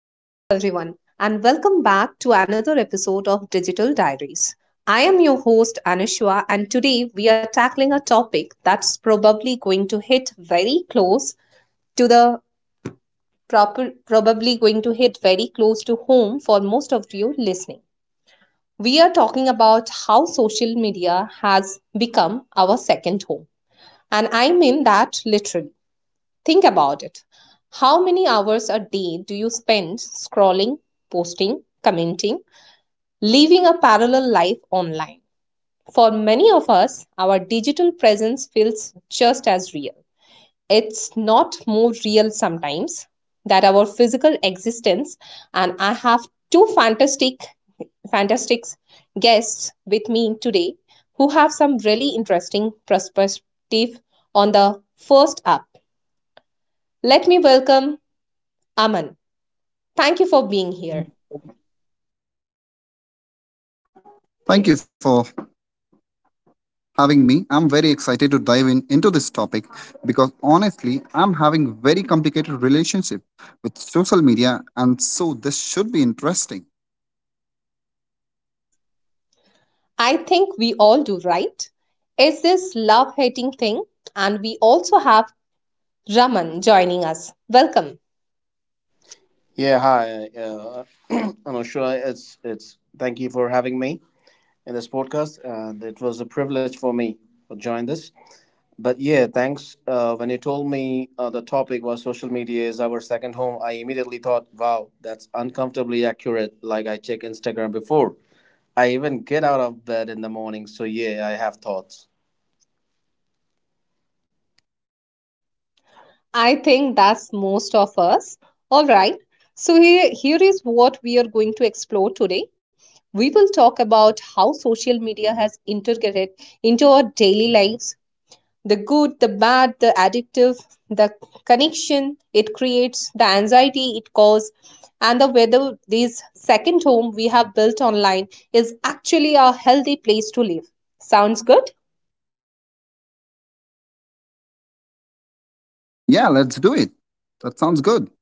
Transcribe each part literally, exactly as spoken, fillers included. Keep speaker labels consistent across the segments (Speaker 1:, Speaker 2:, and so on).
Speaker 1: Hello, everyone, and welcome back to another episode of Digital Diaries. I am your host, Anushwa, and today we are tackling a topic that's probably going to hit very close to the proper, probably going to hit very close to home for most of you listening. We are talking about how social media has become our second home, and I mean that literally. Think about it. How many hours a day do you spend scrolling, posting, commenting? Living a parallel life online. For many of us, our digital presence feels just as real. It's not more real sometimes that our physical existence, and I have two fantastic, fantastic guests with me today who have some really interesting perspective on. The first up, let me welcome Aman. Thank you for being here.
Speaker 2: Thank you for having me. I'm very excited to dive in into this topic because honestly, I'm having very complicated relationship with social media and so this should be interesting.
Speaker 1: I think we all do, right? It's this love hating thing, and we also have Raman joining us. Welcome.
Speaker 3: Yeah, hi. Uh, I'm not sure it's it's. Thank you for having me in this podcast, and it was a privilege for me to join this. But yeah, thanks. Uh, when you told me uh, the topic was social media is our second home, I immediately thought, wow, that's uncomfortably accurate. Like I check Instagram before I even get out of bed in the morning. So yeah, I have thoughts.
Speaker 1: I think that's most of us. All right, so here, here is what we are going to explore today. We will talk about how social media has integrated into our daily lives, the good, the bad, the addictive, the connection it creates, the anxiety it causes, and the whether this second home we have built online is actually a healthy place to live. Sounds good?
Speaker 2: Yeah, let's do it. That sounds good.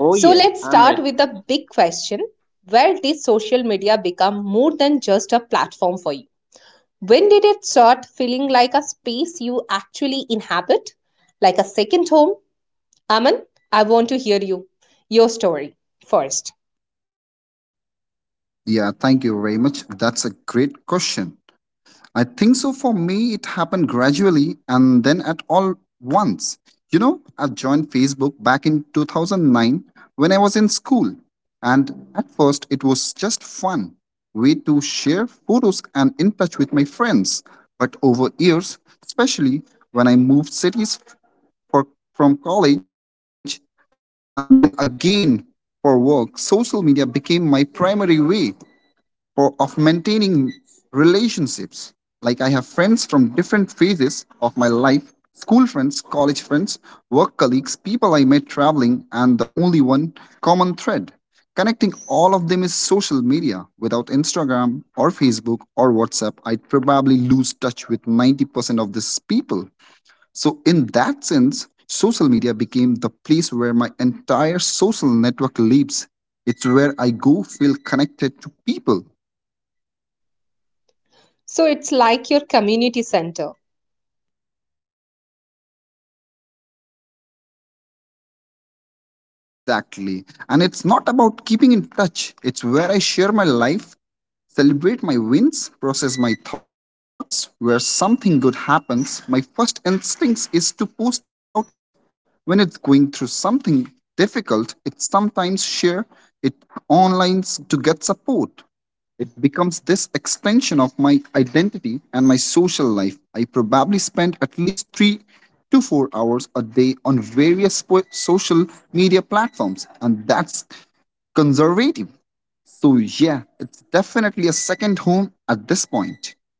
Speaker 3: Oh
Speaker 1: So
Speaker 3: yeah,
Speaker 1: let's
Speaker 3: I'm
Speaker 1: start
Speaker 3: ready.
Speaker 1: with the big question. Where did social media become more than just a platform for you? When did it start feeling like a space you actually inhabit, like a second home? Aman, I want to hear you, your story first.
Speaker 2: Yeah, thank you very much. That's a great question. I think so. For me, it happened gradually and then at all once. You know, I joined Facebook back in two thousand nine when I was in school. And at first, it was just fun way to share photos and in touch with my friends. But over years, especially when I moved cities for, from college and then again for work, social media became my primary way for, of maintaining relationships. Like I have friends from different phases of my life school friends, college friends, work colleagues, people I met traveling, and the only one common thread. Connecting all of them is social media. Without Instagram or Facebook or WhatsApp, I'd probably lose touch with ninety percent of these people. So, in that sense, social media became the place where my entire social network lives. It's where I go feel connected to people.
Speaker 1: So it's like your community center.
Speaker 2: Exactly, exactly. And it's not about keeping in touch, it's where I share my life, celebrate my wins, process my thoughts. Where something good happens, my first instincts is to post about it. When it's going through something difficult, it sometimes share it online to get support. It becomes this extension of my identity and my social life. I probably spend at least three to four hours a day on various po- social media platforms, and that's conservative. So, yeah, it's definitely a second home at this point.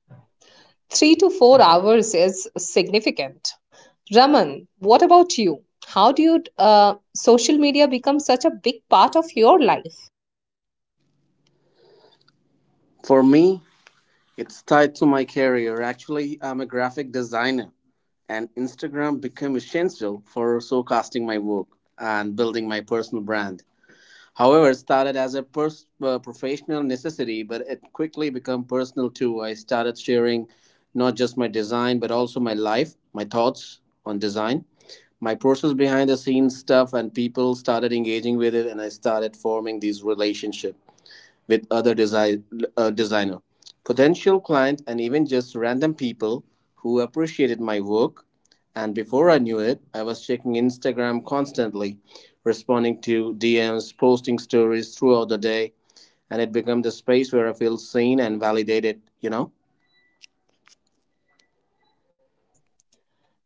Speaker 1: Three to four hours is significant. Raman, what about you? How do you uh, social media become such a big part of your life?
Speaker 3: For me, it's tied to my career. Actually, I'm a graphic designer and Instagram became essential for showcasing my work and building my personal brand. However, it started as a pers- uh, professional necessity, but it quickly became personal too. I started sharing not just my design, but also my life, my thoughts on design, my process, behind the scenes stuff, and people started engaging with it, and I started forming these relationships with other desi- uh, designer, potential client, and even just random people who appreciated my work. And before I knew it, I was checking Instagram constantly, responding to D Ms, posting stories throughout the day, and it became the space where I feel seen and validated, you know.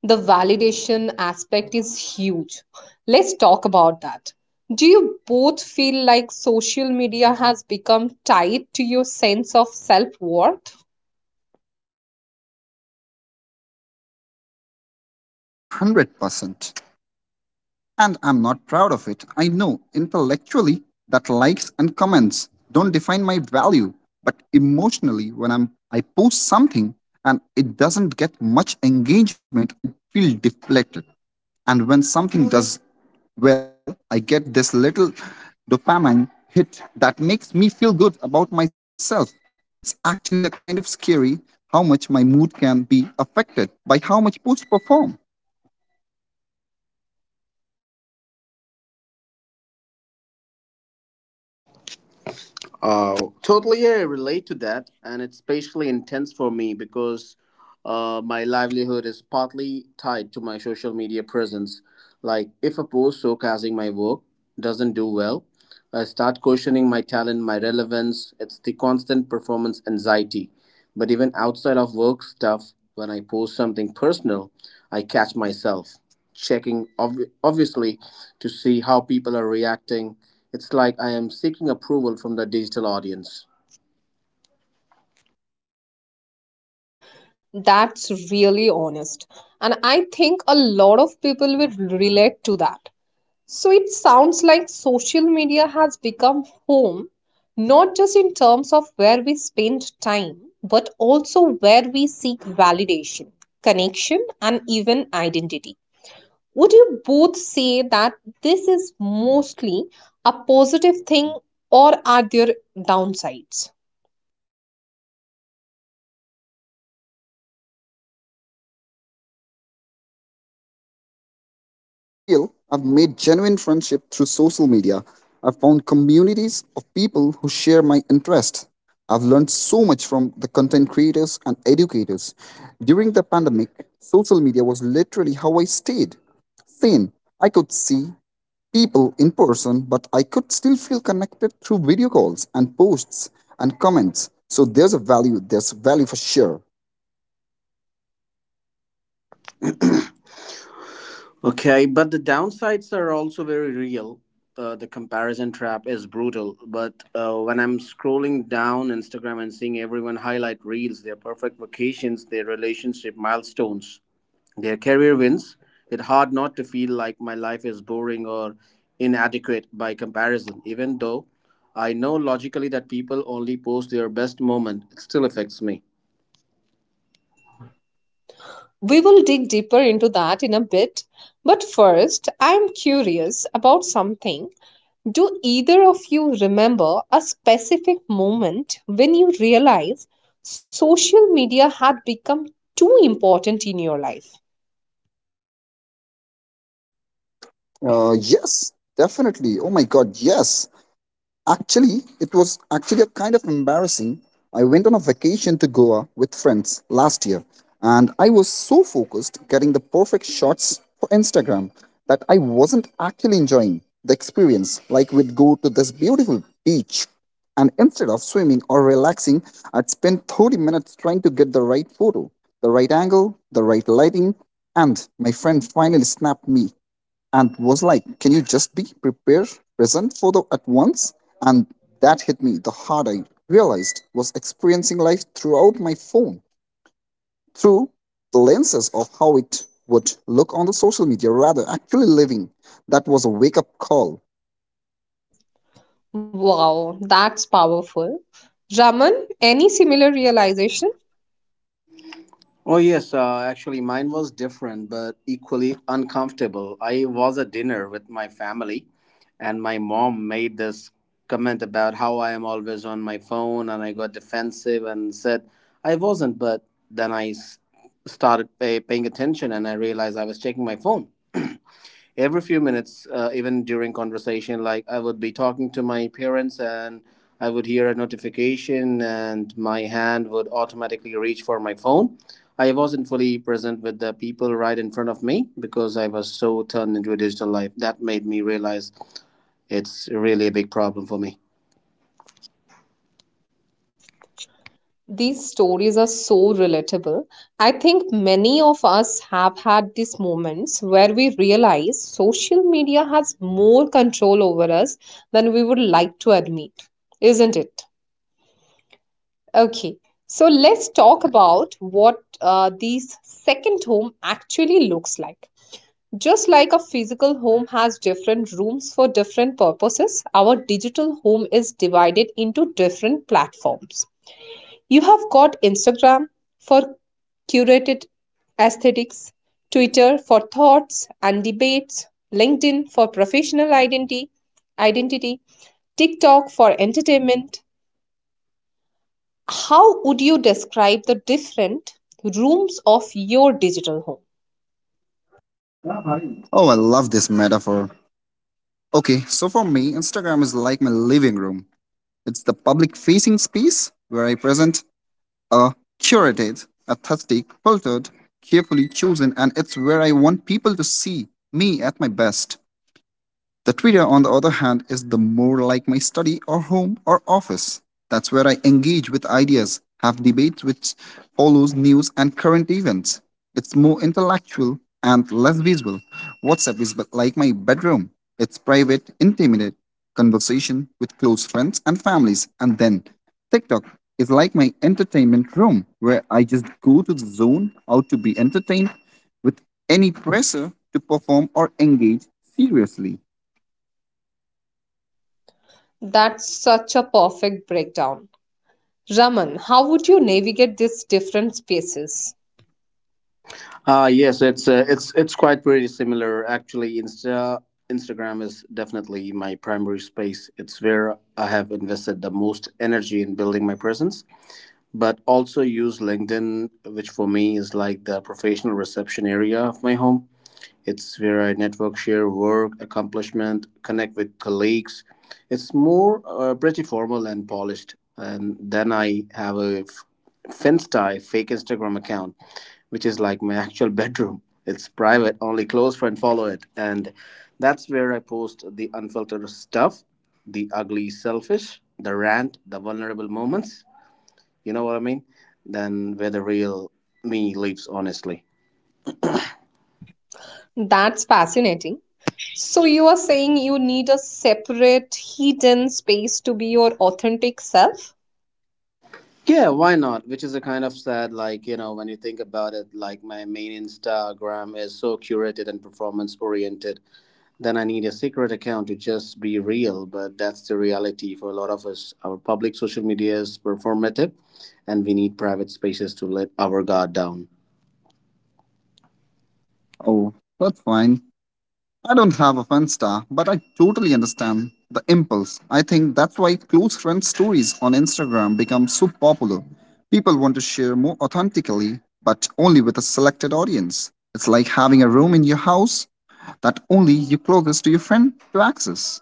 Speaker 1: The validation aspect is huge. Let's talk about that. Do you both feel like social media has become tied to your sense of self-worth?
Speaker 2: Oh, one hundred percent. And I'm not proud of it. I know intellectually that likes and comments don't define my value, but emotionally, when I'm I post something and it doesn't get much engagement, I feel deflated. And when something does well, I get this little dopamine hit that makes me feel good about myself. It's actually a kind of scary how much my mood can be affected by how much sports perform.
Speaker 3: Uh, Totally, I relate to that, and it's especially intense for me because uh, my livelihood is partly tied to my social media presence. Like, if a post showcasing my work doesn't do well, I start questioning my talent, my relevance. It's the constant performance anxiety. But even outside of work stuff, when I post something personal, I catch myself checking obvi- obviously to see how people are reacting. It's like I am seeking approval from the digital audience.
Speaker 1: That's really honest, and I think a lot of people will relate to that. So it sounds like social media has become home, not just in terms of where we spend time, but also where we seek validation, connection, and even identity. Would you both say that this is mostly a positive thing, or are there downsides?
Speaker 2: Uh, I think so. It's uh, definitely both. The positive side is real. I've made genuine friendship through social media. I've found communities of people who share my interest. I've learned so much from the content creators and educators. During the pandemic, social media was literally how I stayed sane. I could see people in person, but I could still feel connected through video calls and posts and comments. So there's a value, there's value for sure.
Speaker 3: Okay, but the downsides are also very real. Uh, the comparison trap is brutal, but uh, when I'm scrolling down Instagram and seeing everyone highlight reels, their perfect vacations, their relationship milestones, their career wins. It's hard not to feel like my life is boring or inadequate by comparison, even though I know logically that people only post their best moment. It still affects me.
Speaker 1: We will dig deeper into that in a bit, but first, I am curious about something. Do either of you remember a specific moment when you realized social media had become too important in your life?
Speaker 2: Uh, yes, definitely. Oh my God, yes. Actually, it was actually a kind of embarrassing. I went on a vacation to Goa with friends last year, and I was so focused getting the perfect shots for Instagram that I wasn't actually enjoying the experience. Like, we'd go to this beautiful beach, and instead of swimming or relaxing, I'd spend thirty minutes trying to get the right photo, the right angle, the right lighting, and my friend finally snapped me and was like, "Can you just be prepared, present for the at once?" And that hit me the hard I realized was experiencing life throughout my phone, through the lenses of how it would look on the social media rather actually living. That was a wake-up call.
Speaker 1: Wow, that's powerful. Raman, any similar realization?
Speaker 3: Oh, yes. Uh, actually, mine was different, but equally uncomfortable. I was at dinner with my family, and my mom made this comment about how I am always on my phone, and I got defensive and said I wasn't. But then I s- started pay- paying attention, and I realized I was checking my phone every few minutes, uh, even during conversation. Like I would be talking to my parents and I would hear a notification and my hand would automatically reach for my phone. I wasn't fully present with the people right in front of me because I was so turned into a digital life. That made me realize it's really a big problem for me.
Speaker 1: These stories are so relatable. I think many of us have had these moments where we realize social media has more control over us than we would like to admit, isn't it? Okay, so let's talk
Speaker 3: Yeah.
Speaker 1: about what uh, these second home actually looks like. Just like a physical home has different rooms for different purposes, our digital home is divided into different platforms. You have got Instagram for curated aesthetics, Twitter for thoughts and debates, LinkedIn for professional identity, identity, TikTok for entertainment. How would you describe the different rooms of your digital home?
Speaker 2: Oh, I love this metaphor. Okay, so for me, Instagram is like my living room. It's the public facing space where I present a curated, aesthetic, filtered, carefully chosen, and it's where I want people to see me at my best. The Twitter, on the other hand, is the more like my study or home or office. That's where I engage with ideas, have debates which follows news and current events. It's more intellectual and less visual. WhatsApp is but like my bedroom. It's private, intimate conversation with close friends and families. And then TikTok is like my entertainment room where I just go to the zone out to be entertained with any pressure to perform or engage seriously.
Speaker 1: That's such a perfect breakdown. Raman, how would you navigate these different spaces?
Speaker 3: Uh yes, it's uh, it's it's quite pretty similar actually. Insta Instagram is definitely my primary space. It's where I have invested the most energy in building my presence, but also use LinkedIn, which for me is like the professional reception area of my home. It's where I network, share work, accomplishment, connect with colleagues. It's more uh, pretty formal and polished. And then I have a f- Finsta, fake Instagram account, which is like my actual bedroom. It's private, only close friends follow it. And that's where I post the unfiltered stuff, the ugly selfish, the rant, the vulnerable moments, you know what I mean? Than where the real me lives, honestly.
Speaker 1: That's fascinating. So, you are saying you need a separate, hidden space to be your authentic self?
Speaker 3: Yeah, why not? Which is a kind of sad, like, you know, when you think about it, like my main Instagram is so curated and performance oriented. Then I need a secret account to just be real, but that's the reality for a lot of us. Our public social media is performative, and we need private spaces to let our guard down.
Speaker 2: Oh, that's fine. I don't have a fun star, but I totally understand the impulse. I think that's why close friend stories on Instagram become so popular. People want to share more authentically, but only with a selected audience. It's like having a room in your house that only you closest to your friend to access.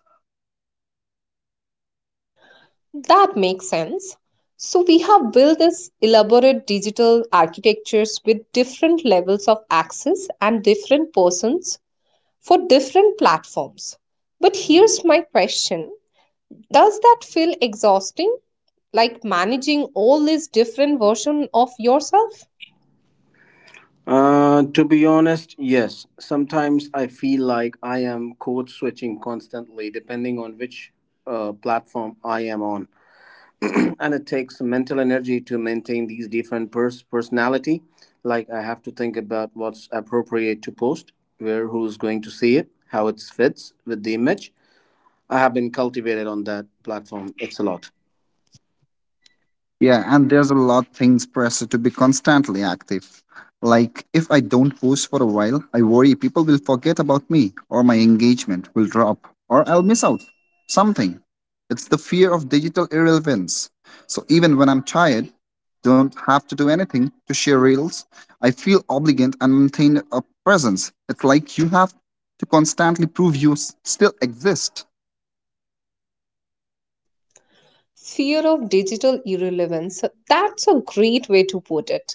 Speaker 1: That makes sense. So, we have built this elaborate digital architectures with different levels of access and different persons for different platforms. But here's my question. Does that feel exhausting? Like managing all these different versions of yourself?
Speaker 3: Uh, to be honest, yes. Sometimes I feel like I am code switching constantly, depending on which uh, platform I am on, and it takes mental energy to maintain these different pers- personality. Like I have to think about what's appropriate to post, where, who's going to see it, how it fits with the image I have been cultivated on that platform. It's a lot.
Speaker 2: Yeah, and there's a lot things pressure to be constantly active. Like if I don't post for a while, I worry people will forget about me or my engagement will drop or I'll miss out something. It's the fear of digital irrelevance. So even when I'm tired, don't have to do anything to share reels, I feel obligated and maintain a presence. It's like you have to constantly prove you s- still exist.
Speaker 1: Fear of digital irrelevance. That's a great way to put it.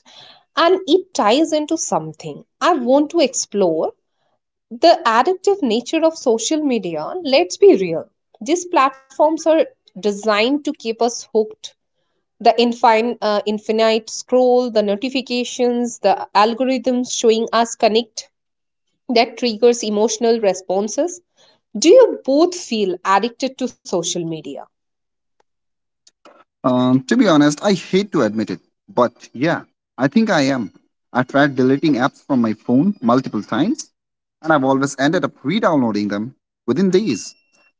Speaker 1: And it ties into something I want to explore, the addictive nature of social media. Let's be real, these platforms are designed to keep us hooked, the infin- uh, infinite scroll, the notifications, the algorithms showing us connect that triggers emotional responses. Do you both feel addicted to social media?
Speaker 2: Um, to be honest, I hate to admit it, but yeah, I think I am. I tried deleting apps from my phone multiple times, and I've always ended up re downloading them within days.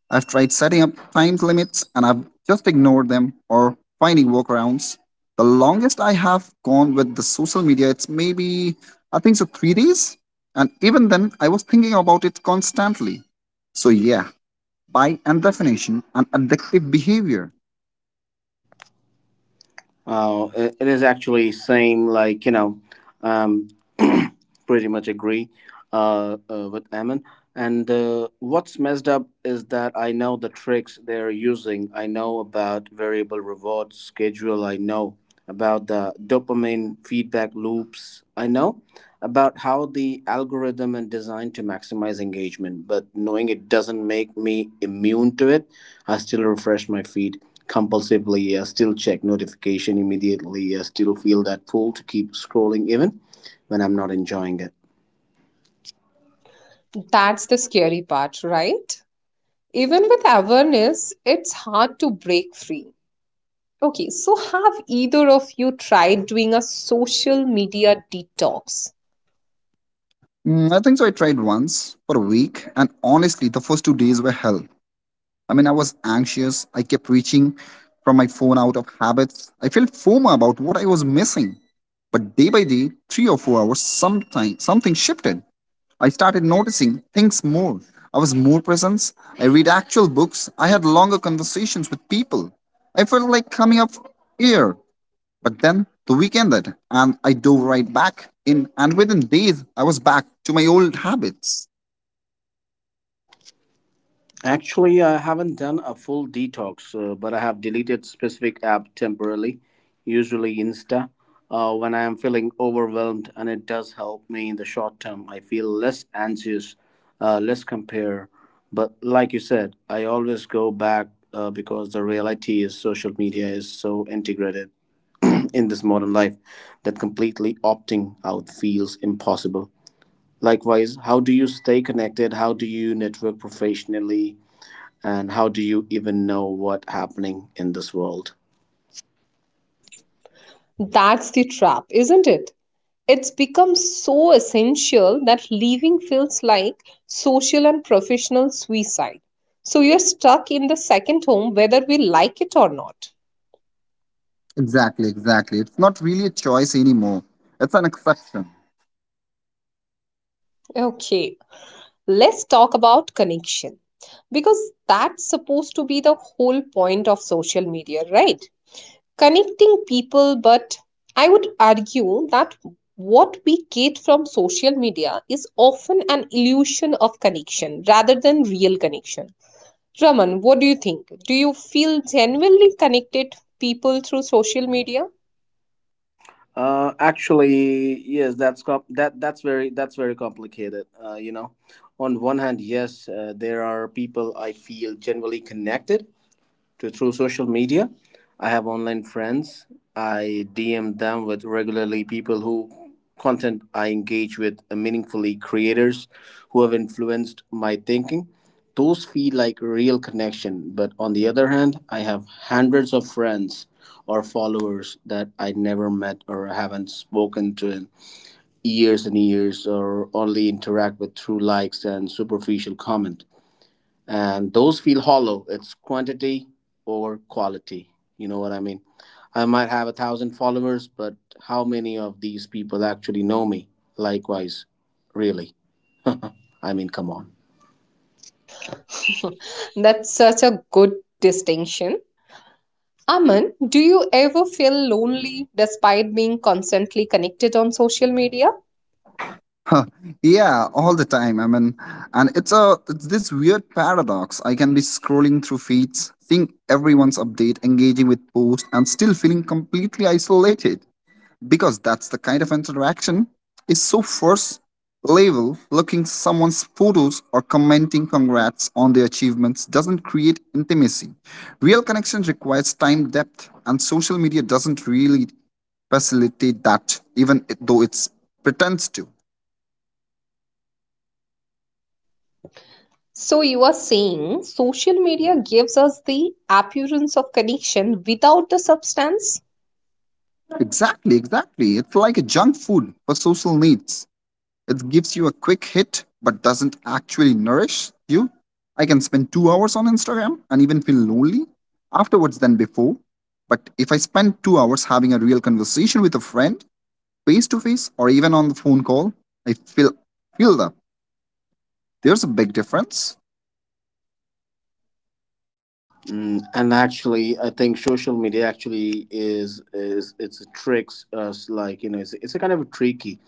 Speaker 2: I've tried setting up time limits, and I've just ignored them or finding workarounds. The longest I have gone with the social media, it's maybe, I think so, three days. And even then, I was thinking about it constantly. So, yeah, by and definition, an addictive behavior.
Speaker 3: Uh, it it is actually same, like you know. um. Pretty much agree uh, uh, with Ammon. And uh, what's messed up is that I know the tricks they're using. I know about variable reward schedule. I know about the dopamine feedback loops. I know about how the algorithm and designed to maximize engagement. But knowing it doesn't make me immune to it. I still refresh my feed compulsively. I still check notification immediately. I still feel that pull to keep scrolling even when I'm not enjoying it.
Speaker 1: That's the scary part, right? Even with awareness, it's hard to break free. Okay, so have either of you tried doing a social media detox?
Speaker 2: Mm, I think so. I tried once for a week, and honestly, the first two days were hell. I mean, I was anxious. I kept reaching from my phone out of habits. I felt FOMO about what I was missing. But day by day, three or four hours, sometime something shifted. I started noticing things more. I was more present. I read actual books. I had longer conversations with people. I felt like coming up here. But then the weekend ended, and I dove right back in, and within days, I was back to my old habits.
Speaker 3: Actually, I haven't done a full detox, uh, but I have deleted specific app temporarily, usually Insta, uh, when I am feeling overwhelmed, and it does help me in the short term. I feel less anxious, uh, less compare. But like you said, I always go back uh, because the reality is social media is so integrated in this modern life that completely opting out feels impossible. Likewise, how do you stay connected? How do you network professionally? And how do you even know what's happening in this world?
Speaker 1: That's the trap, isn't it? It's become so essential that leaving feels like social and professional suicide. So you're stuck in the second home whether we like it or not.
Speaker 2: Exactly, exactly. It's not really a choice anymore. It's an exception.
Speaker 1: Okay, let's talk about connection because that's supposed to be the whole point of social media, right? Connecting people, but I would argue that what we get from social media is often an illusion of connection rather than real connection. Raman, what do you think? Do you feel genuinely connected people through social media?
Speaker 3: Uh, actually, yes, that's com- that that's very that's very complicated. Uh, you know, on one hand, yes, uh, there are people I feel generally connected to through social media. I have online friends. I D M them with regularly, people who content I engage with uh, meaningfully, creators who have influenced my thinking. Those feel like real connection, but on the other hand, I have hundreds of friends or followers that I never met or haven't spoken to in years and years, or only interact with through likes and superficial comment, and those feel hollow. It's quantity or quality. You know what I mean? I might have a thousand followers, but how many of these people actually know me? Likewise, really? I mean, come on.
Speaker 1: That's such a good distinction. Aman, do you ever feel lonely despite being constantly connected on social media?
Speaker 2: Yeah, all the time. I mean, and it's a it's this weird paradox. I can be scrolling through feeds, seeing everyone's update, engaging with posts, and still feeling completely isolated. Because that's the kind of interaction is so first level looking someone's photos or commenting congrats on their achievements doesn't create intimacy real connection requires time depth and social media doesn't really facilitate that even it- though it pretends to.
Speaker 1: So, you are saying social media gives us the appearance of connection without the substance?
Speaker 2: Exactly, exactly, it's like a junk food for social needs. It gives you a quick hit but doesn't actually nourish you. I can spend two hours on Instagram and even feel lonely afterwards than before. But if I spend two hours having a real conversation with a friend, face to face or even on the phone call, I feel feel that there's a big difference.
Speaker 3: Mm, and actually, I think social media actually is is it's a tricks us, like you know, it's it's a kind of tricky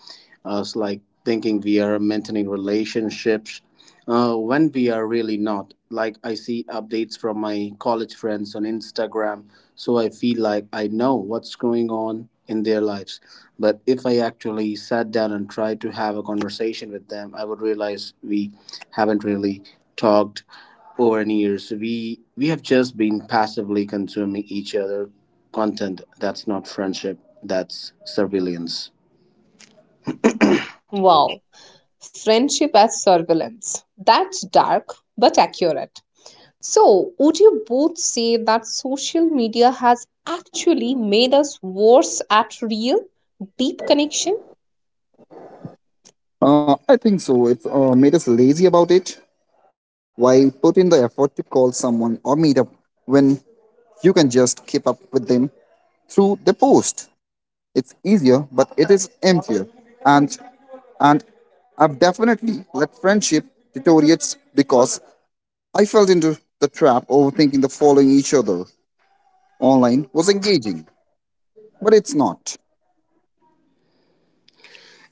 Speaker 3: us like thinking we are maintaining relationships uh, when we are really not. Like I see updates from my college friends on Instagram, so I feel like I know what's going on in their lives. But if I actually sat down and tried to have a conversation with them, I would realize we haven't really talked over any years. We we have just been passively consuming each other content. That's not friendship. That's surveillance.
Speaker 1: Wow, friendship as surveillance. That's dark but accurate. So, would you both say that social media has actually made us worse at real, deep connection?
Speaker 2: Uh, I think so. It's uh, made us lazy about it. Why put in the effort to call someone or meet up when you can just keep up with them through the post? It's easier, but it is emptier. And and I've definitely let friendship deteriorate because I fell into the trap overthinking the following each other online was engaging, but it's not.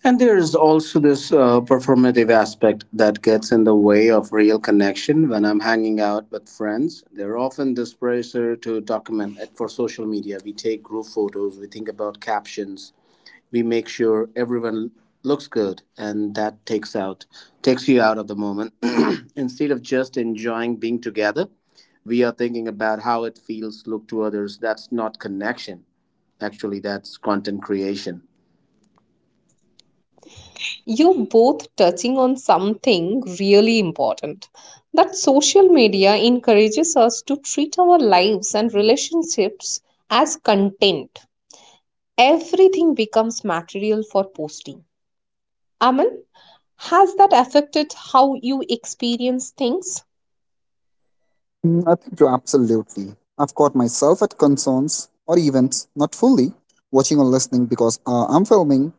Speaker 3: And there is also this uh, performative aspect that gets in the way of real connection. When I'm hanging out with friends, they're often this pressure to document it for social media. We take group photos. We think about captions. We make sure everyone looks good, and that takes out takes you out of the moment. Instead of just enjoying being together, we are thinking about how it feels look to others. That's not connection, actually. That's content creation.
Speaker 1: You're both touching on something really important, that social media encourages us to treat our lives and relationships as content. Everything becomes material for posting. Aman, has that affected how you experience things?
Speaker 2: Mm, I think you're absolutely. I've caught myself at concerts or events, not fully watching or listening because uh, I'm filming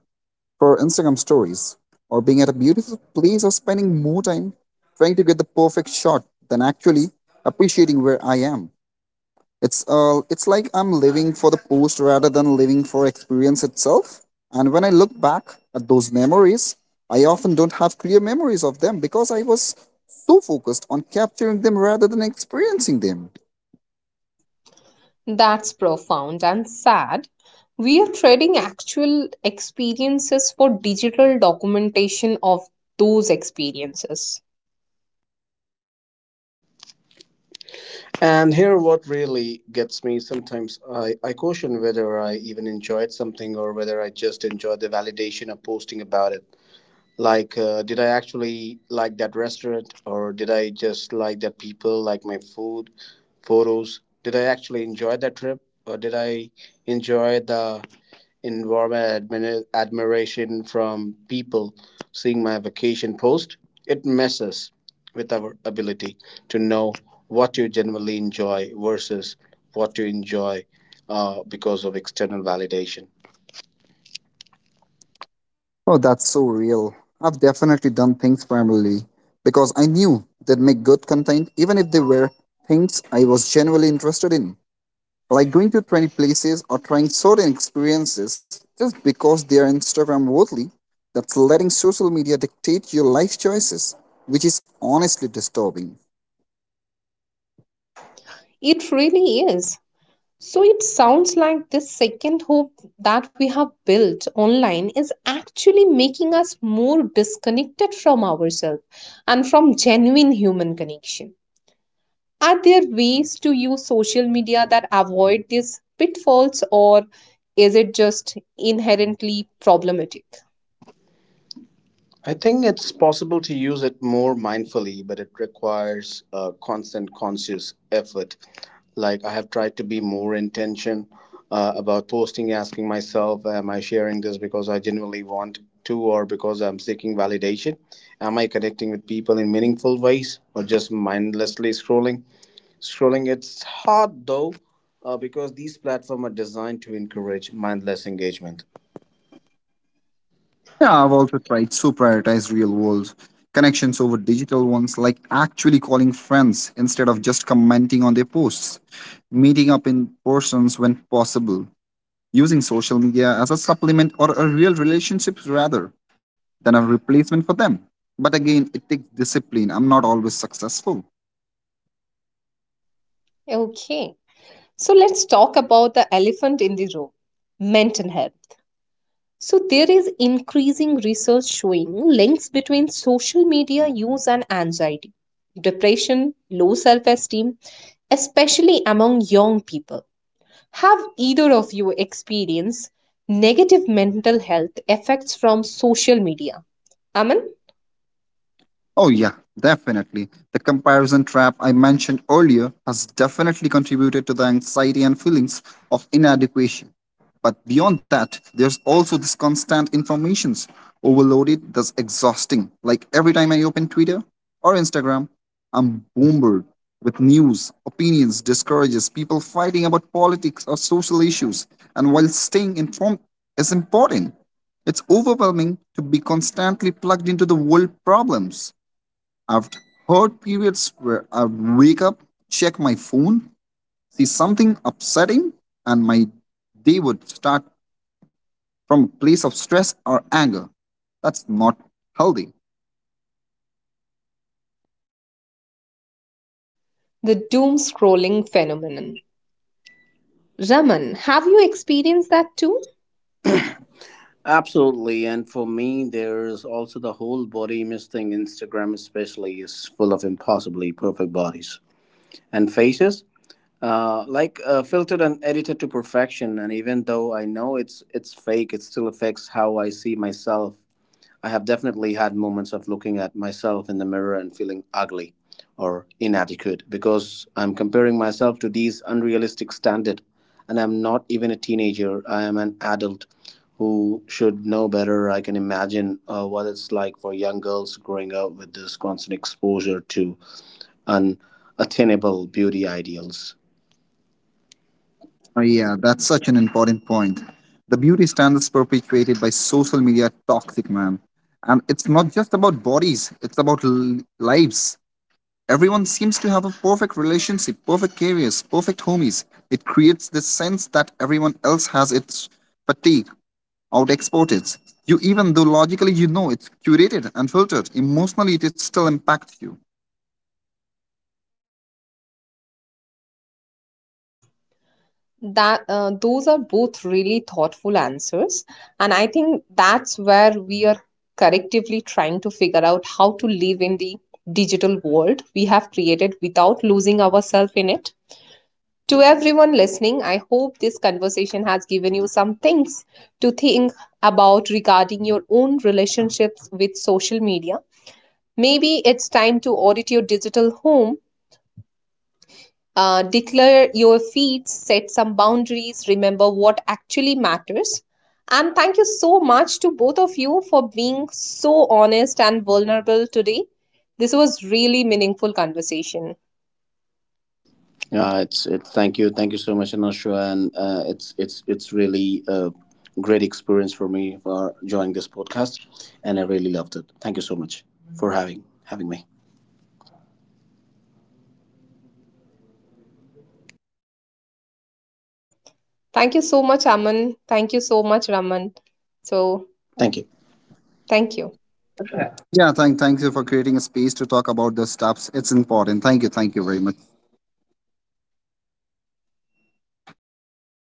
Speaker 2: for Instagram stories, or being at a beautiful place, or spending more time trying to get the perfect shot than actually appreciating where I am. It's uh, it's like I'm living for the post rather than living for experience itself. And when I look back at those memories, I often don't have clear memories of them because I was so focused on capturing them rather than experiencing them.
Speaker 1: That's profound and sad. We are trading actual experiences for digital documentation of those experiences.
Speaker 3: And here what really gets me, sometimes i, I question whether I even enjoyed something or whether I just enjoy the validation of posting about it. Like uh, did I actually like that restaurant, or did I just like that people like my food photos? Did I actually enjoy that trip, or did I enjoy the environment admira- admiration from people seeing my vacation post? It messes with our ability to know what you genuinely enjoy versus what you enjoy uh, because of external validation.
Speaker 2: Oh, that's so real. I've definitely done things primarily because I knew they'd make good content, even if they were things I was genuinely interested in. Like going to twenty places or trying certain experiences just because they are Instagram worthy, that's letting social media dictate your life choices, which is honestly disturbing.
Speaker 1: It really is. So it sounds like this second hope that we have built online is actually making us more disconnected from ourselves and from genuine human connection. Are there ways to use social media that avoid these pitfalls, or is it just inherently problematic?
Speaker 3: I think it's possible to use it more mindfully, but it requires a constant conscious effort. Like I have tried to be more intention uh, about posting, asking myself, am I sharing this because I genuinely want to or because I'm seeking validation? Am I connecting with people in meaningful ways or just mindlessly scrolling? Scrolling, it's hard though, uh, because these platforms are designed to encourage mindless engagement.
Speaker 2: Yeah, I've also tried to prioritize real world connections over digital ones, like actually calling friends instead of just commenting on their posts, meeting up in persons when possible, using social media as a supplement or a real relationships rather than a replacement for them. But again, it takes discipline. I'm not always successful.
Speaker 1: Okay, so let's talk about the elephant in the room, mental health. So, there is increasing research showing links between social media use and anxiety, depression, low self esteem, especially among young people. Have either of you experienced negative mental health effects from social media? Aman,
Speaker 2: Oh, yeah, definitely. The comparison trap I mentioned earlier has definitely contributed to the anxiety and feelings of inadequacy. But beyond that, there's also this constant information's overloaded that's exhausting. Like every time I open Twitter or Instagram, I'm bombarded with news, opinions, discourages, people fighting about politics or social issues. And while staying informed is important, it's overwhelming to be constantly plugged into the world problems. I've heard periods where I wake up, check my phone, see something upsetting, and my day would start from a place of stress or anger. That's not healthy.
Speaker 1: the doom scrolling phenomenon. Raman, have you experienced that too?
Speaker 3: Absolutely. And for me, there's also the whole body image thing. Instagram, especially, is full of impossibly perfect bodies and faces. Uh, like uh, filtered and edited to perfection, and even though I know it's it's fake, it still affects how I see myself. I have definitely had moments of looking at myself in the mirror and feeling ugly or inadequate because I'm comparing myself to these unrealistic standard. And I'm not even a teenager. I am an adult who should know better. I can imagine uh, what it's like for young girls growing up with this constant exposure to unattainable beauty ideals.
Speaker 2: Oh, yeah, that's such an important point. The beauty standards perpetuated by social media are toxic, man. And it's not just about bodies, it's about l- lives. Everyone seems to have a perfect relationship, perfect careers, perfect homies. It creates this sense that everyone else has its fatigue out export it. You even though logically you know it's curated and filtered, emotionally it still impacts you.
Speaker 1: That uh, those are both really thoughtful answers, and I think that's where we are collectively trying to figure out how to live in the digital world we have created without losing ourselves in it. To everyone listening, I hope this conversation has given you some things to think about regarding your own relationships with social media. Maybe it's time to audit your digital home, uh, declare your feeds, set some boundaries, remember what actually matters. And thank you so much to both of you for being so honest and vulnerable today. This was really meaningful conversation.
Speaker 3: Yeah, it's it's thank you, thank you so much, Anusha, and uh, it's it's it's really a great experience for me for joining this podcast, and I really loved it. Thank you so much for having having me.
Speaker 1: Thank you so much, Aman. Thank you so much, Raman. So,
Speaker 3: Thank you.
Speaker 1: thank you.
Speaker 2: Yeah, thank thank you for creating a space to talk about the stuffs. It's important. Thank you, thank you very much.